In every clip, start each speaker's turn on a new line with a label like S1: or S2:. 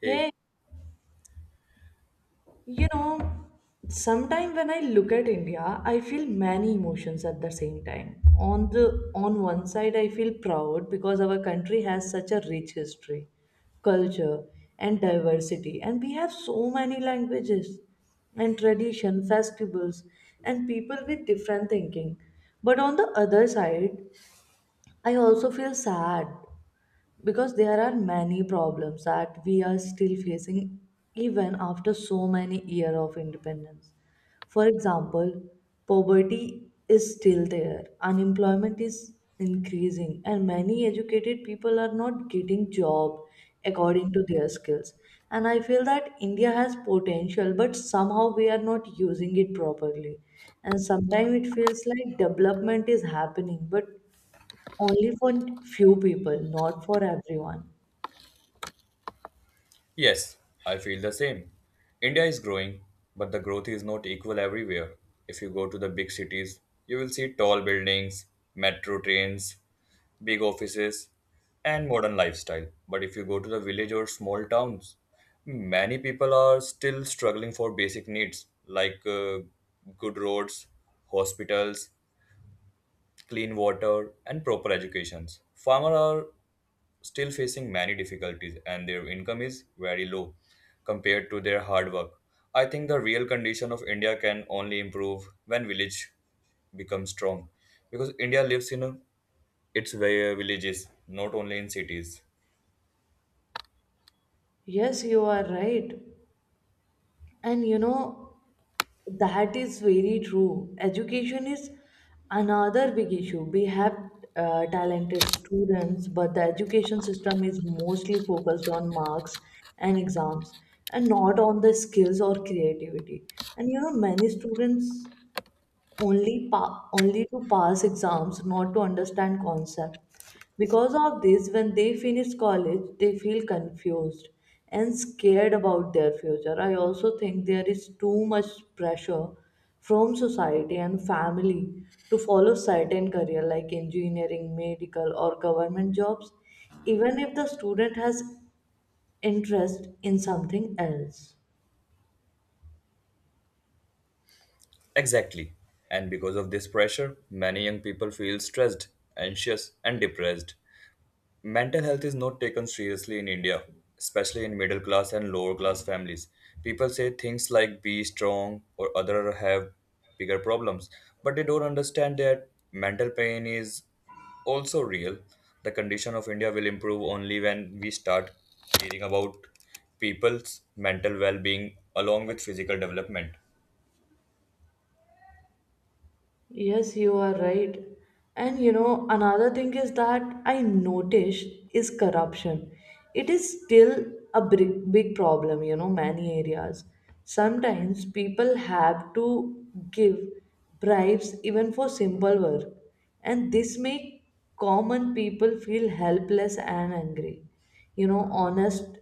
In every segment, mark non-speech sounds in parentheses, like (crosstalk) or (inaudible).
S1: Hey,
S2: Hey, you know, sometime when I look at India, I feel many emotions at the same time. On one side, I feel proud because our country has such a rich history, culture, and diversity, and we have so many languages and tradition, festivals, and people with different thinking. But on the other side, I also feel sad because there are many problems that we are still facing even after so many years of independence. For example, poverty is still there, unemployment is increasing, and many educated people are not getting job according to their skills. And I feel that India has potential, but somehow we are not using it properly. And sometimes it feels like development is happening, but only for few people, not for everyone.
S1: yes, I feel the same. India is growing, but the growth is not equal everywhere. If you go to the big cities, you will see tall buildings, metro trains, big offices, and modern lifestyle. But if you go to the village or small towns, many people are still struggling for basic needs like good roads, hospitals, clean water, and proper educations. Farmers are still facing many difficulties and their income is very low compared to their hard work. I think the real condition of India can only improve when village becomes strong because India lives in its villages, not only in cities.
S2: Yes, you are right. And you know, that is very true. Education is another big issue. We have talented students, but the education system is mostly focused on marks and exams and not on the skills or creativity. Many students only to pass exams, not to understand concept. Because of this, when they finish college, they feel confused and scared about their future. I also think there is too much pressure from society and family to follow certain career like engineering, medical, or government jobs, even if the student has interest in something else.
S1: Exactly. And because of this pressure, many young people feel stressed, anxious, and depressed. Mental health is not taken seriously in India, especially in middle class and lower class families. People say things like be strong or other have bigger problems, but they don't understand that mental pain is also real. The condition of India will improve only when we start caring about people's mental well being along with physical development.
S2: Yes, you are right. Another thing is that I noticed is corruption. It is still a big, big problem, many areas. Sometimes people have to give bribes even for simple work, and this make common people feel helpless and angry. You know, honest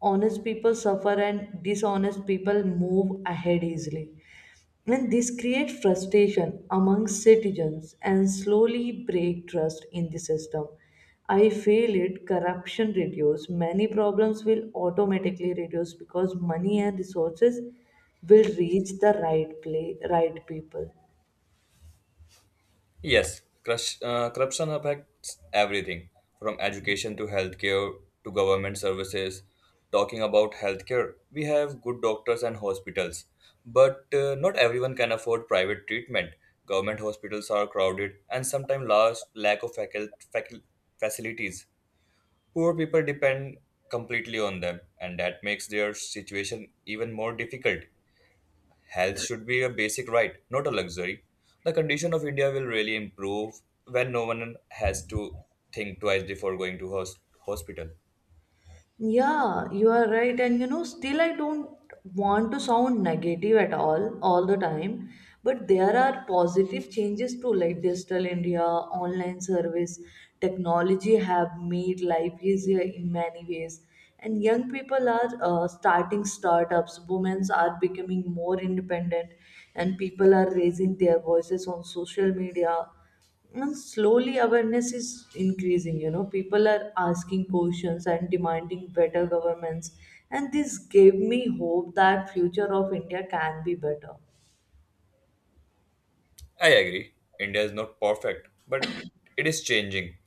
S2: honest people suffer and dishonest people move ahead easily. And this creates frustration among citizens and slowly break trust in the system. I feel it corruption reduce. Many problems will automatically reduce because money and resources will reach the right play, right people.
S1: Yes, corruption affects everything from education to healthcare to government services. Talking about healthcare, we have good doctors and hospitals, but not everyone can afford private treatment. Government hospitals are crowded and sometimes large lack of facilities. Poor people depend completely on them, and that makes their situation even more difficult. Health should be a basic right, not a luxury. The condition of India will really improve when no one has to think twice before going to hospital.
S2: Yeah, you are right. Still, I don't want to sound negative at all the time. But there are positive changes too, like Digital India, online service, technology have made life easier in many ways. And young people are starting startups, women are becoming more independent, and people are raising their voices on social media and slowly awareness is increasing, people are asking questions and demanding better governments. And this gave me hope that future of India can be better.
S1: I agree. India is not perfect, but it is changing.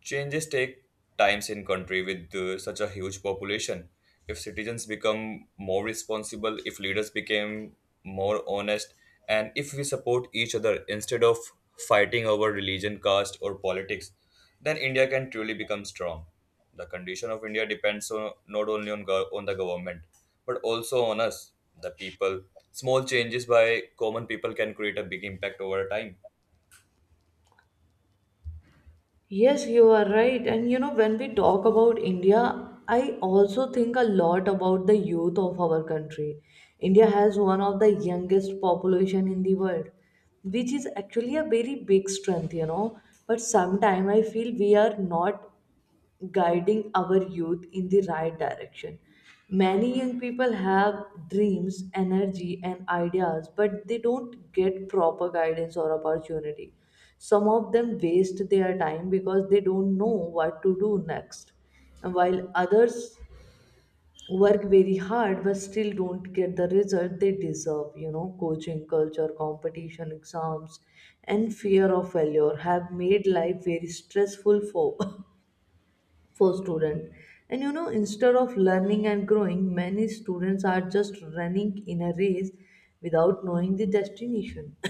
S1: Changes take times in country with such a huge population. If citizens become more responsible, if leaders became more honest, and if we support each other instead of fighting over religion, caste, or politics, then India can truly become strong. The condition of India depends not only on the government, but also on us, the people. Small changes by common people can create a big impact over time.
S2: Yes, you are right. When we talk about India, I also think a lot about the youth of our country. India has one of the youngest population in the world, which is actually a very big strength. But sometimes I feel we are not guiding our youth in the right direction. Many young people have dreams, energy, and ideas, but they don't get proper guidance or opportunity. Some of them waste their time because they don't know what to do next. And while others work very hard but still don't get the result they deserve, coaching culture, competition, exams, and fear of failure have made life very stressful for (laughs) for student, and instead of learning and growing, many students are just running in a race without knowing the destination. (laughs)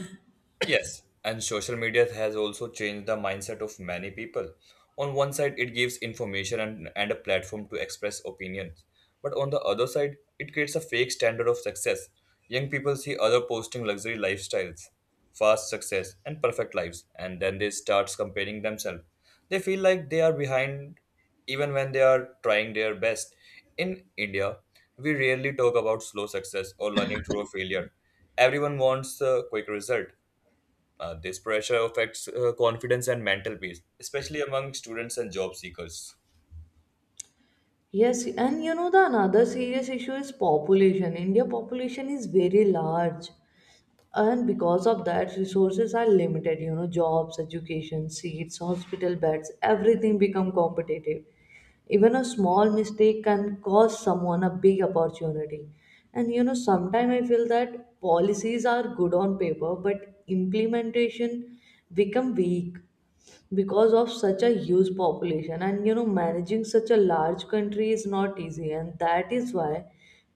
S1: Yes, and social media has also changed the mindset of many people. On one side, it gives information and a platform to express opinions. But on the other side, it creates a fake standard of success. Young people see other posting luxury lifestyles, fast success, and perfect lives, and then they start comparing themselves. They feel like they are behind even when they are trying their best. In India, we rarely talk about slow success or learning through a failure. Everyone wants a quick result. This pressure affects confidence and mental peace, especially among students and job seekers.
S2: Yes, and you know the another serious issue is population. India population is very large, and because of that, resources are limited. Jobs, education seats, hospital beds, everything become competitive. Even a small mistake can cost someone a big opportunity. And sometimes I feel that policies are good on paper, but implementation become weak because of such a huge population. And managing such a large country is not easy, and that is why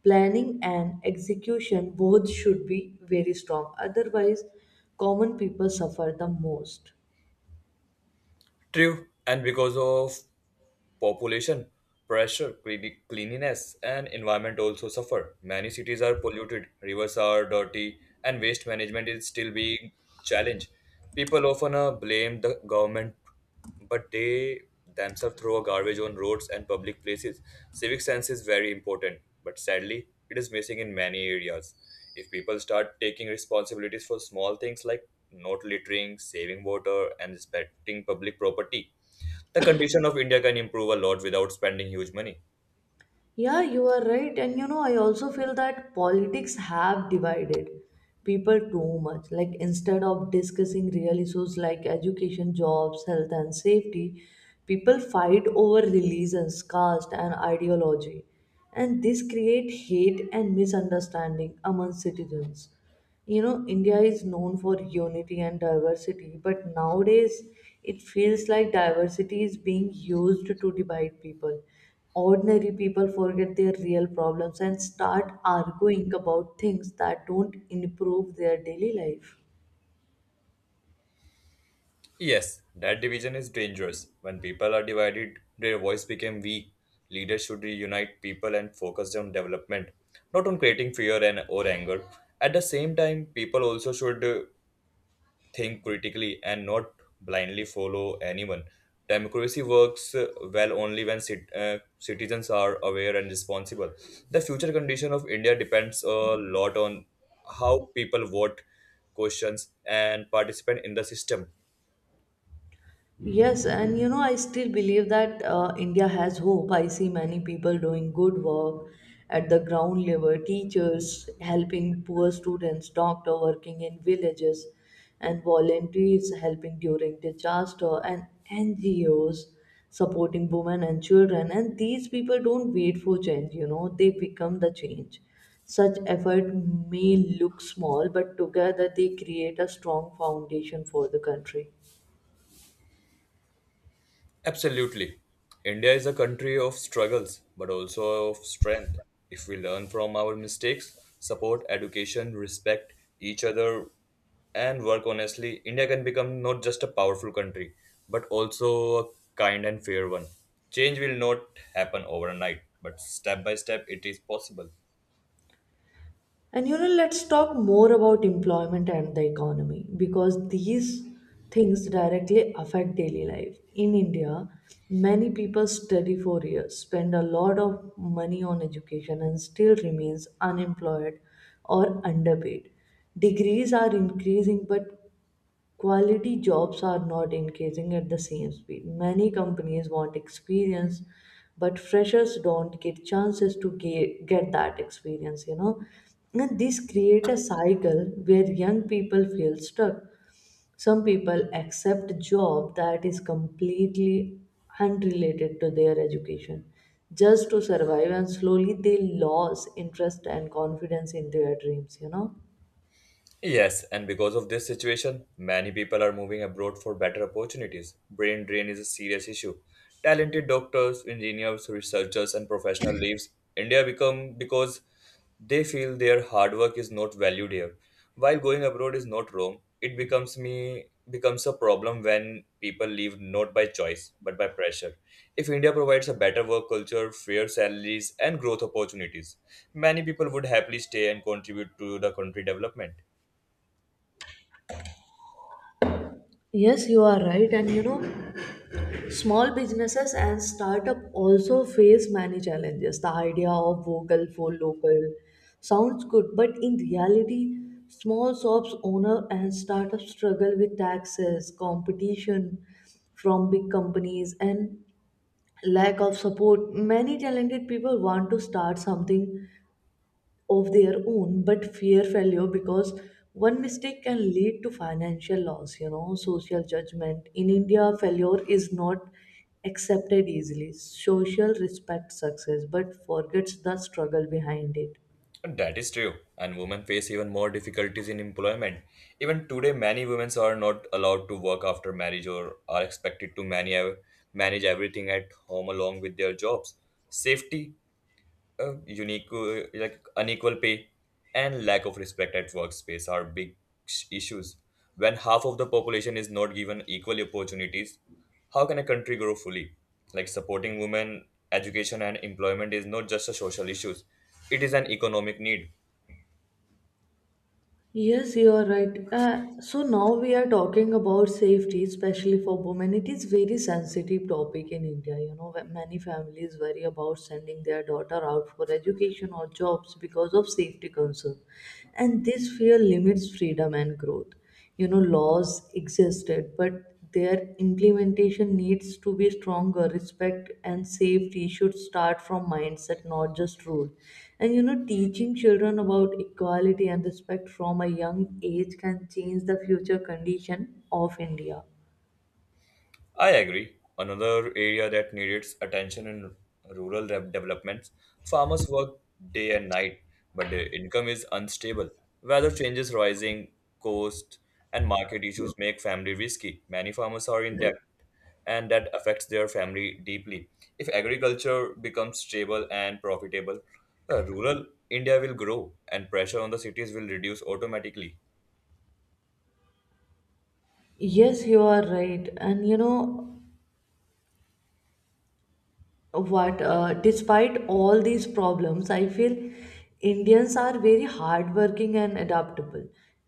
S2: planning and execution both should be very strong, otherwise common people suffer the most.
S1: True, and because of population, pressure, cleanliness, and environment also suffer. Many cities are polluted, rivers are dirty, and waste management is still being challenged. People often blame the government, but they themselves throw garbage on roads and public places. Civic sense is very important, but sadly, it is missing in many areas. If people start taking responsibilities for small things like not littering, saving water, and respecting public property, the condition of India can improve a lot without spending huge money.
S2: Yeah, you are right. I also feel that politics have divided people too much. Like, instead of discussing real issues like education, jobs, health, and safety, people fight over religions, caste, and ideology. And this create hate and misunderstanding among citizens. India is known for unity and diversity, but nowadays it feels like diversity is being used to divide people. Ordinary people forget their real problems and start arguing about things that don't improve their daily life.
S1: Yes, that division is dangerous. When people are divided, their voice become weak. Leaders should reunite people and focus on development, not on creating fear and or anger. At the same time, people also should think critically and not blindly follow anyone. Democracy works well only when citizens are aware and responsible. The future condition of India depends a lot on how people vote, questions, and participate in the system.
S2: Yes, and I still believe that India has hope. I see many people doing good work at the ground level, teachers helping poor students, doctor working in villages, and volunteers helping during disaster, and NGOs supporting women and children. And these people don't wait for change, they become the change. Such effort may look small, but together they create a strong foundation for the country.
S1: Absolutely. India is a country of struggles, but also of strength. If we learn from our mistakes, support education, respect each other, and work honestly, India can become not just a powerful country, but also a kind and fair one. Change will not happen overnight, but step by step it is possible.
S2: Let's talk more about employment and the economy because these things directly affect daily life. In India, many people study for years, spend a lot of money on education, and still remains unemployed or underpaid. Degrees are increasing, but quality jobs are not increasing at the same speed. Many companies want experience, but freshers don't get chances to get that experience. And this create a cycle where young people feel stuck. Some people accept a job that is completely unrelated to their education just to survive and slowly they lose interest and confidence in their dreams.
S1: Yes, and because of this situation, many people are moving abroad for better opportunities. Brain drain is a serious issue. Talented doctors, engineers, researchers, and professionals leaves India become because they feel their hard work is not valued here. While going abroad is not wrong, it becomes a problem when people leave not by choice but by pressure. If India provides a better work culture, fair salaries, and growth opportunities, many people would happily stay and contribute to the country development.
S2: Yes, you are right. Small businesses and startup also face many challenges. The idea of vocal for local sounds good, but in reality, small shops owner and startups struggle with taxes, competition from big companies, and lack of support. Many talented people want to start something of their own but fear failure because one mistake can lead to financial loss. Social judgment in India, failure is not accepted easily. Social respect success but forgets the struggle behind it.
S1: That is true, and women face even more difficulties in employment. Even today, many women are not allowed to work after marriage or are expected to manage everything at home along with their jobs. Safety, like unequal pay, and lack of respect at workspace are big issues. When half of the population is not given equal opportunities, how can a country grow fully? Like supporting women, education, and employment is not just a social issue; it is an economic need.
S2: Yes, you are right. So now we are talking about safety, especially for women. It is very sensitive topic in India. Where many families worry about sending their daughter out for education or jobs because of safety concern, and this fear limits freedom and growth. Laws existed but their implementation needs to be stronger. Respect and safety should start from mindset, not just rule. And teaching children about equality and respect from a young age can change the future condition of India.
S1: I agree. Another area that needs attention in rural developments, farmers work day and night, but their income is unstable. Weather changes, rising cost, and market issues make family risky. Many farmers are in debt, and that affects their family deeply. If agriculture becomes stable and profitable, rural India will grow, and pressure on the cities will reduce automatically.
S2: Yes, you are right. And you know what, despite all these problems, I feel indians are very hardworking and adaptable.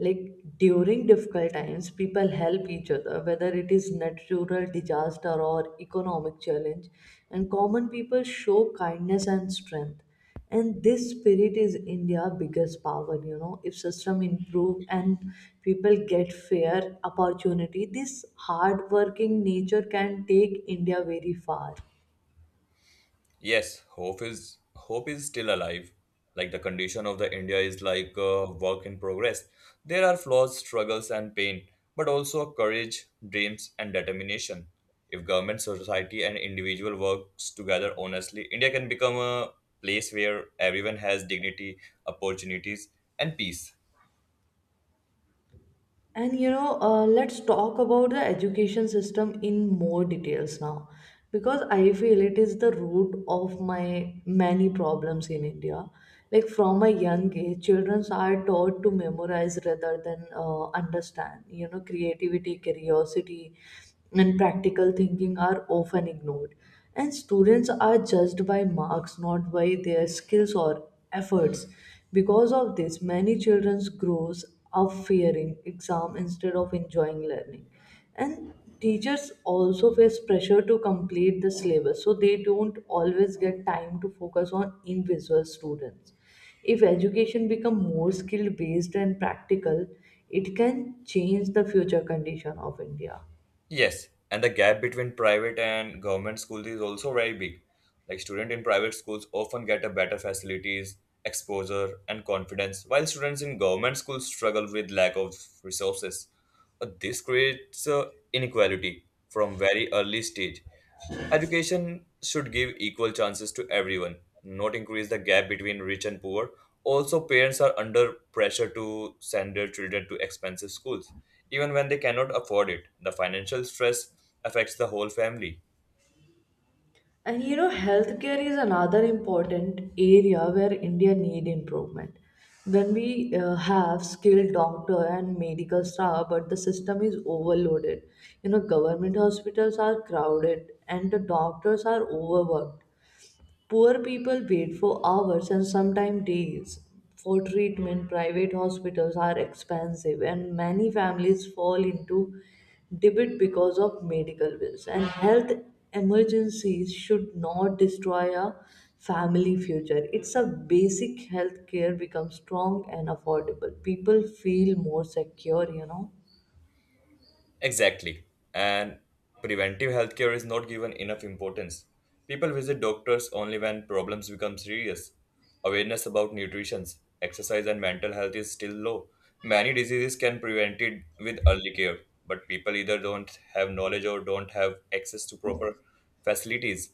S2: Like, during difficult times, people help each other whether it is natural disaster or economic challenge. And common people show kindness and strength. And this spirit is India's biggest power. If system improve and people get fair opportunity, this hardworking nature can take India very far.
S1: Yes, hope is still alive. Like the condition of the India is like a work in progress. There are flaws, struggles, and pain, but also courage, dreams, and determination. If government, society, and individual works together honestly, India can become a place where everyone has dignity, opportunities, and peace.
S2: And let's talk about the education system in more details now, because I feel it is the root of my many problems in India. Like from a young age, children are taught to memorize rather than understand. Creativity, curiosity, and practical thinking are often ignored. And students are judged by marks, not by their skills or efforts. Because of this, many children grows of fearing exam instead of enjoying learning, and teachers also face pressure to complete the syllabus, so they don't always get time to focus on individual students. If education become more skill based and practical, it can change the future condition of India.
S1: Yes, and the gap between private and government schools is also very big. Like students in private schools often get a better facilities, exposure, and confidence, while students in government schools struggle with lack of resources. This creates inequality from very early stage. Education should give equal chances to everyone, not increase the gap between rich and poor. Also, parents are under pressure to send their children to expensive schools, even when they cannot afford it. The financial stress affects the whole family.
S2: Healthcare is another important area where India need improvement. When we have skilled doctor and medical staff, but the system is overloaded. Government hospitals are crowded and the doctors are overworked. Poor people wait for hours and sometimes days for treatment. Private hospitals are expensive, and many families fall into debt because of medical bills. And health emergencies should not destroy a family future. It's a basic health care becomes strong and affordable. People feel more secure.
S1: Exactly. And preventive healthcare is not given enough importance. People visit doctors only when problems become serious. Awareness about nutrition, exercise, and mental health is still low. Many diseases can be prevented with early care, but people either don't have knowledge or don't have access to proper facilities.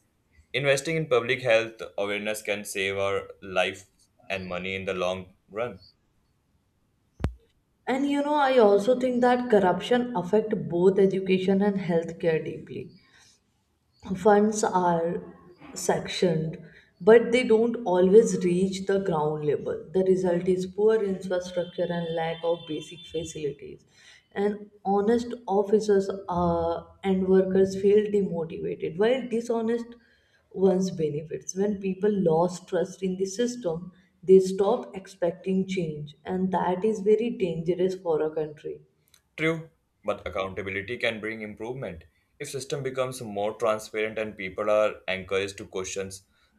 S1: Investing in public health awareness can save our life and money in the long run.
S2: I also think that corruption affect both education and healthcare deeply. Funds are sectioned, but they don't always reach the ground level. The result is poor infrastructure and lack of basic facilities. And honest officers and workers feel demotivated, while dishonest ones benefits. When people lose trust in the system, they stop expecting change, and that is very dangerous for a country.
S1: True, but accountability can bring improvement. If system becomes more transparent and people are encouraged to question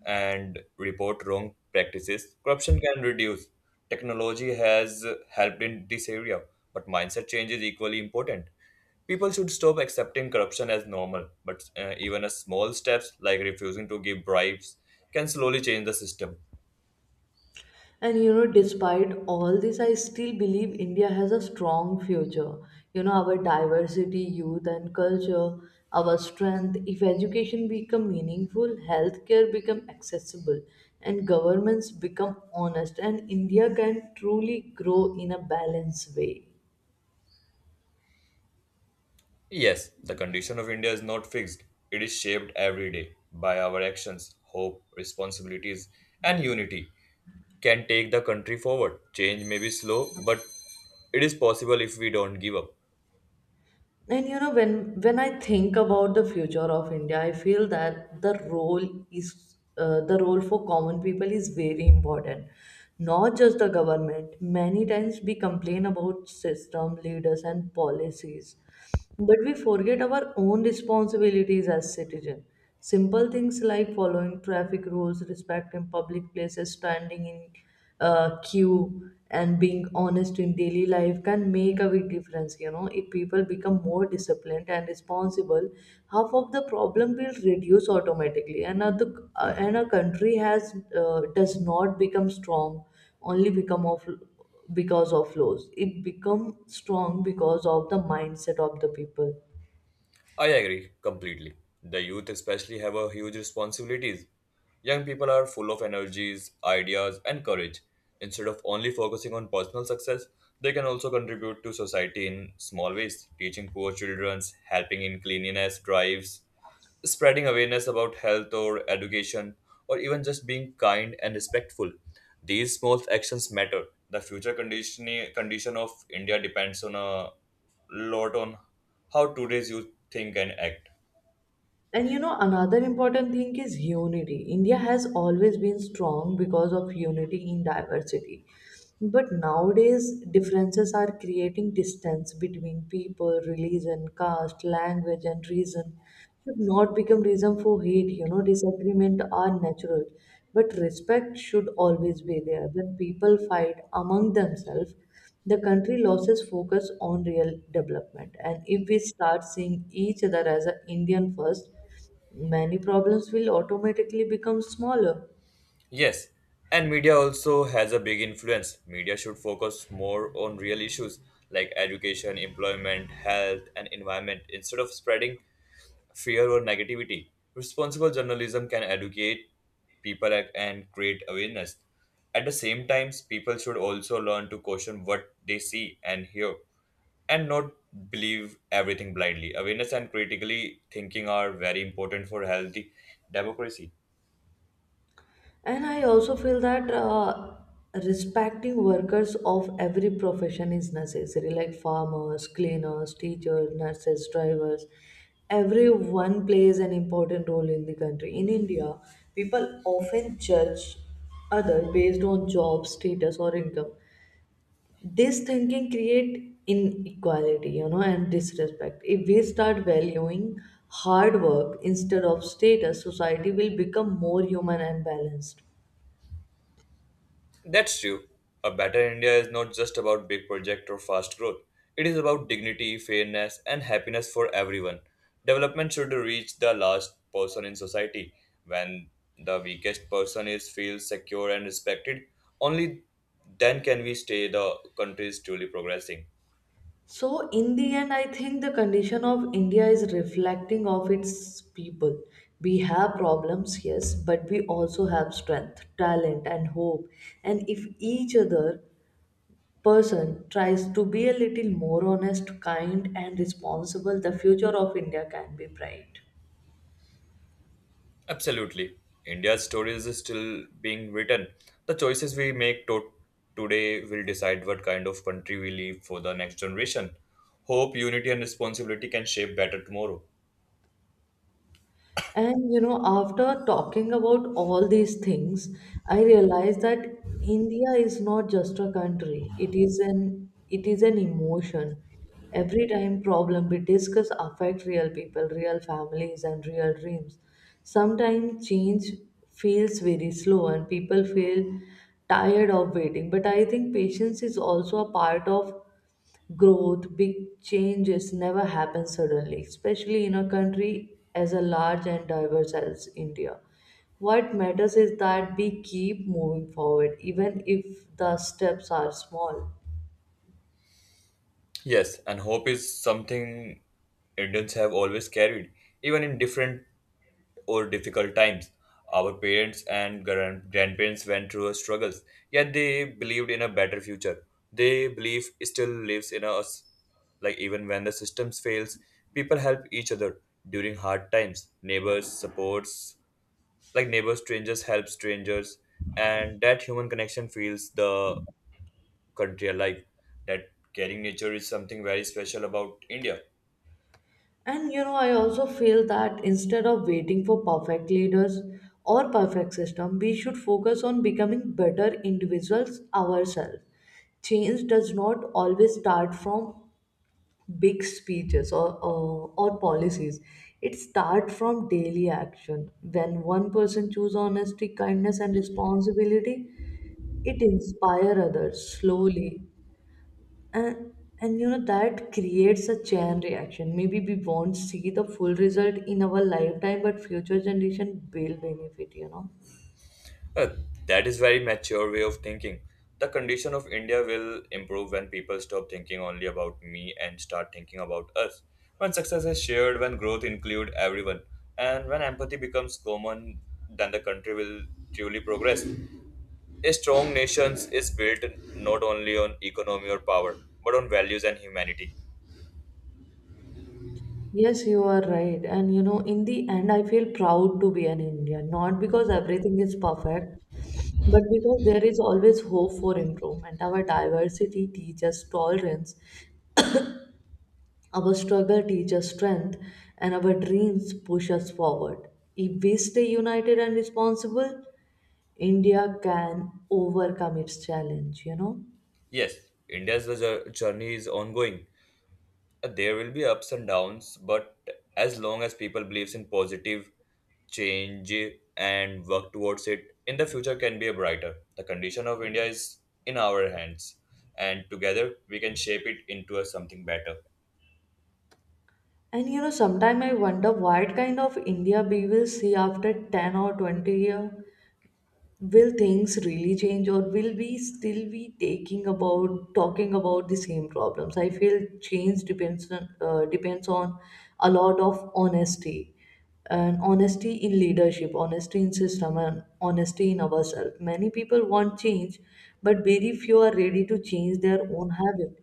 S1: and report wrong practices, corruption can reduce. Technology has helped in this area, but mindset change is equally important. People should stop accepting corruption as normal, but even a small steps like refusing to give bribes can slowly change the system.
S2: Despite all this, I still believe India has a strong future. Our diversity, youth, and culture, our strength. If education become meaningful, healthcare become accessible, and governments become honest, and India can truly grow in a balanced way.
S1: Yes, the condition of India is not fixed. It is shaped every day by our actions, hope, responsibilities, and unity can take the country forward. Change may be slow, but it is possible if we don't give up.
S2: When I think about the future of India, I feel that the role for common people is very important. Not just the government. Many times we complain about system, leaders, and policies, but we forget our own responsibilities as citizens. Simple things like following traffic rules, respecting public places, standing in queue and being honest in daily life can make a big difference. If people become more disciplined and responsible, half of the problem will reduce automatically. And a country has does not become strong only become of because of laws. It become strong because of the mindset of the people.
S1: I agree completely. The youth especially have a huge responsibilities. Young people are full of energies, ideas, and courage. Instead of only focusing on personal success, they can also contribute to society in small ways, teaching poor children, helping in cleanliness drives spreading awareness about health or education or even just being kind and respectful. These small actions matter. The future condition of India depends on a lot on how today's youth think and act.
S2: And you know, another important thing is unity. India has always been strong because of unity in diversity. But nowadays, differences are creating distance between people, religion, caste, language, and reason. Should not become reason for hate. You know, disagreement are natural, but respect should always be there. When people fight among themselves, the country loses focus on real development, and if we start seeing each other as an Indian first, many problems will automatically become smaller.
S1: Yes, and media also has a big influence. Media should focus more on real issues like education employment health and environment instead of spreading fear, or negativity. Responsible journalism can educate people and create awareness. At the same time, people should also learn to question what they see and hear and not believe everything blindly. Awareness and critically thinking are very important for healthy democracy.
S2: And I also feel that respecting workers of every profession is necessary, like farmers, cleaners, teachers, nurses, drivers. Everyone plays an important role in the country. In India, people often judge other based on job status or income. This thinking create inequality, you know, and disrespect. If we start valuing hard work instead of status, society will become more human and balanced.
S1: That's true. A better India is not just about big project or fast growth. It is about dignity, fairness, and happiness for everyone. Development should reach the last person in society. When the weakest person is feels secure and respected, only then can we stay the country is truly progressing.
S2: So in the end, I think the condition of India is reflecting of its people. We have problems, yes, but we also have strength, talent, and hope. And if each other person tries to be a little more honest, kind, and responsible, the future of India can be bright.
S1: Absolutely. India's story is still being written. The choices we make today will decide what kind of country we leave for the next generation. Hope, unity, and responsibility can shape better tomorrow.
S2: And you know, after talking about all these things, I realized that India is not just a country. It is an emotion. Every time problem we discuss affect real people, real families, and real dreams. Sometimes change feels very slow and people feel tired of waiting. But I think patience is also a part of growth. Big changes never happen suddenly, especially in a country as a large and diverse as India. What matters is that we keep moving forward, even if the steps are small.
S1: Yes, and hope is something Indians have always carried, even in different or difficult times. Our parents and grandparents went through struggles, yet they believed in a better future. They belief still lives in us. Like even when the systems fails, people help each other during hard times. Neighbors supports, like neighbors strangers help strangers, and that human connection feels the country alive. That caring nature is something very special about India.
S2: And you know, I also feel that instead of waiting for perfect leaders or perfect system, we should focus on becoming better individuals ourselves. Change does not always start from big speeches or policies. It starts from daily action. When one person chooses honesty, kindness, and responsibility, it inspires others slowly. And, that creates a chain reaction. Maybe we won't see the full result in our lifetime, but future generation will benefit, you know.
S1: Uh, that is very mature way of thinking. The condition of India will improve when people stop thinking only about me and start thinking about us. When success is shared, when growth include everyone, and when empathy becomes common, then the country will truly progress. A strong nation is built not only on economy or power, but on values and humanity.
S2: Yes, you are right. And you know, in the end, I feel proud to be an Indian, not because everything is perfect, but because there is always hope for improvement. Our diversity teaches tolerance, our struggle teaches strength, and our dreams push us forward. If we stay united and responsible, India can overcome its challenge, you know.
S1: Yes, India's journey is ongoing. There will be ups and downs, but as long as people believes in positive change and work towards it, in the future can be a brighter. The condition of India is in our hands, and together we can shape it into a something better.
S2: And you know, sometimes I wonder what kind of India we will see after 10 or 20 years. Will things really change, or will we still be taking about talking about the same problems? I feel change depends on depends on a lot of honesty, and honesty in leadership, honesty in system, and honesty in ourselves. Many people want change, but very few are ready to change their own habit.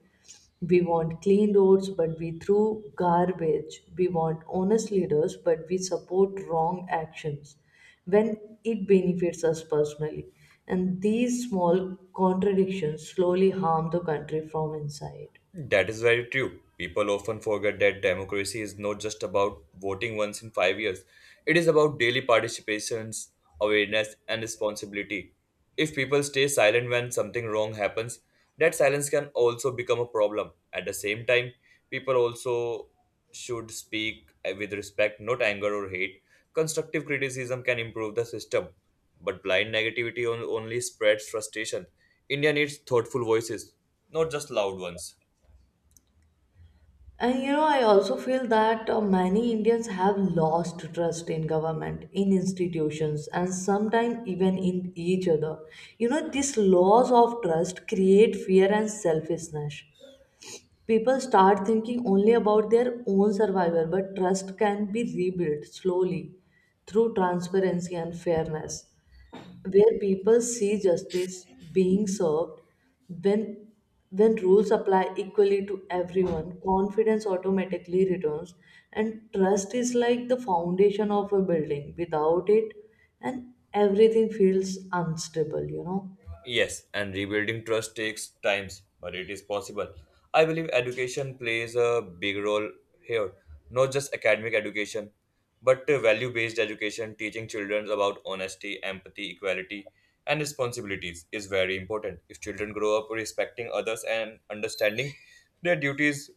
S2: We want clean roads, but we throw garbage. We want honest leaders, but we support wrong actions when it benefits us personally. And these small contradictions slowly harm the country from inside.
S1: That is very true. People often forget that democracy is not just about voting once in 5 years. It is about daily participations, awareness, and responsibility. If people stay silent when something wrong happens, that silence can also become a problem. At the same time, people also should speak with respect, not anger or hate. Constructive criticism can improve the system, but blind negativity only spreads frustration. India needs thoughtful voices, not just loud ones.
S2: And you know, I also feel that many Indians have lost trust in government, in institutions, and sometimes even in each other. You know, these loss of trust create fear and selfishness. People start thinking only about their own survival, but trust can be rebuilt slowly through transparency and fairness, where people see justice being served. When when rules apply equally to everyone, confidence automatically returns. And trust is like the foundation of a building. Without it, and everything feels unstable, you know.
S1: Yes, and rebuilding trust takes times, but it is possible. I believe education plays a big role here, not just academic education, but value based education, teaching children about honesty, empathy, equality, and responsibilities is very important. If children grow up respecting others and understanding their duties,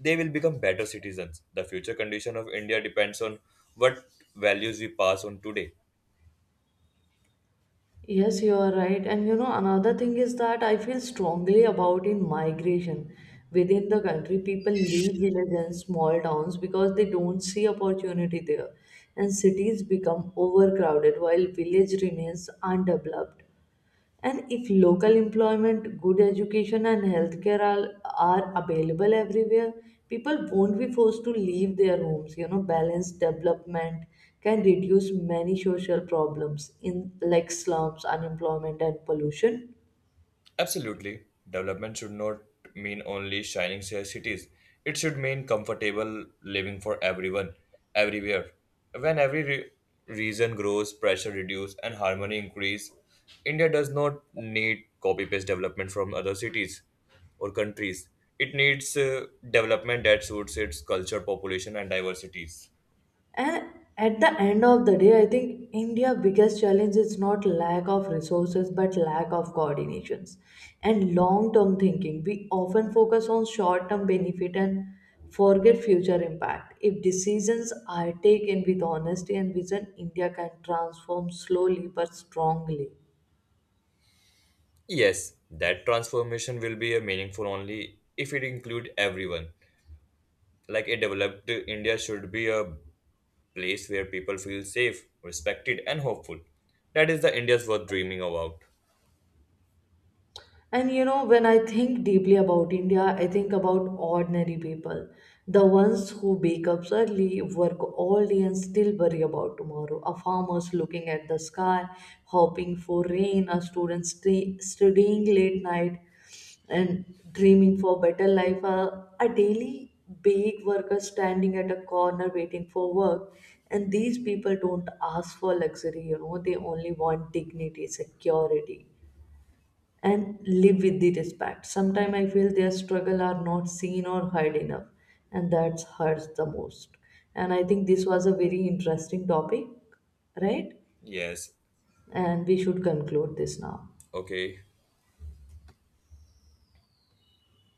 S1: they will become better citizens. The future condition of India depends on what values we pass on today.
S2: Yes, you are right. And you know, another thing is that I feel strongly about in migration. Within the country, people leave villages and small towns because they don't see opportunity there. And cities become overcrowded while village remains undeveloped. And if local employment, good education, and healthcare are available everywhere, people won't be forced to leave their homes. You know, balanced development can reduce many social problems in like slums, unemployment, and pollution.
S1: Absolutely. Development should not mean only shining cities. It should mean comfortable living for everyone, everywhere. When every region grows, pressure reduces, and harmony increase, India does not need copy-paste development from other cities or countries. It needs development that suits its culture, population, and diversities.
S2: And at the end of the day, I think India's biggest challenge is not lack of resources but lack of coordinations and long term thinking. We often focus on short term benefit and forget future impact. If decisions are taken with honesty and vision, India can transform slowly but strongly.
S1: Yes, that transformation will be a meaningful only if it include everyone. Like a developed India should be a place where people feel safe, respected, and hopeful. That is the India's worth dreaming about.
S2: And you know, when I think deeply about India, I think about ordinary people. The ones who wake up early, work all day, and still worry about tomorrow. A farmer's looking at the sky, hoping for rain, a student studying late night and dreaming for better life, a daily big worker standing at a corner waiting for work. And these people don't ask for luxury, you know, they only want dignity, security, and live with the respect. Sometimes I feel their struggle are not seen or heard enough, and that hurts the most. And I think this was a very interesting topic, right?
S1: Yes.
S2: And we should conclude this now.
S1: Okay.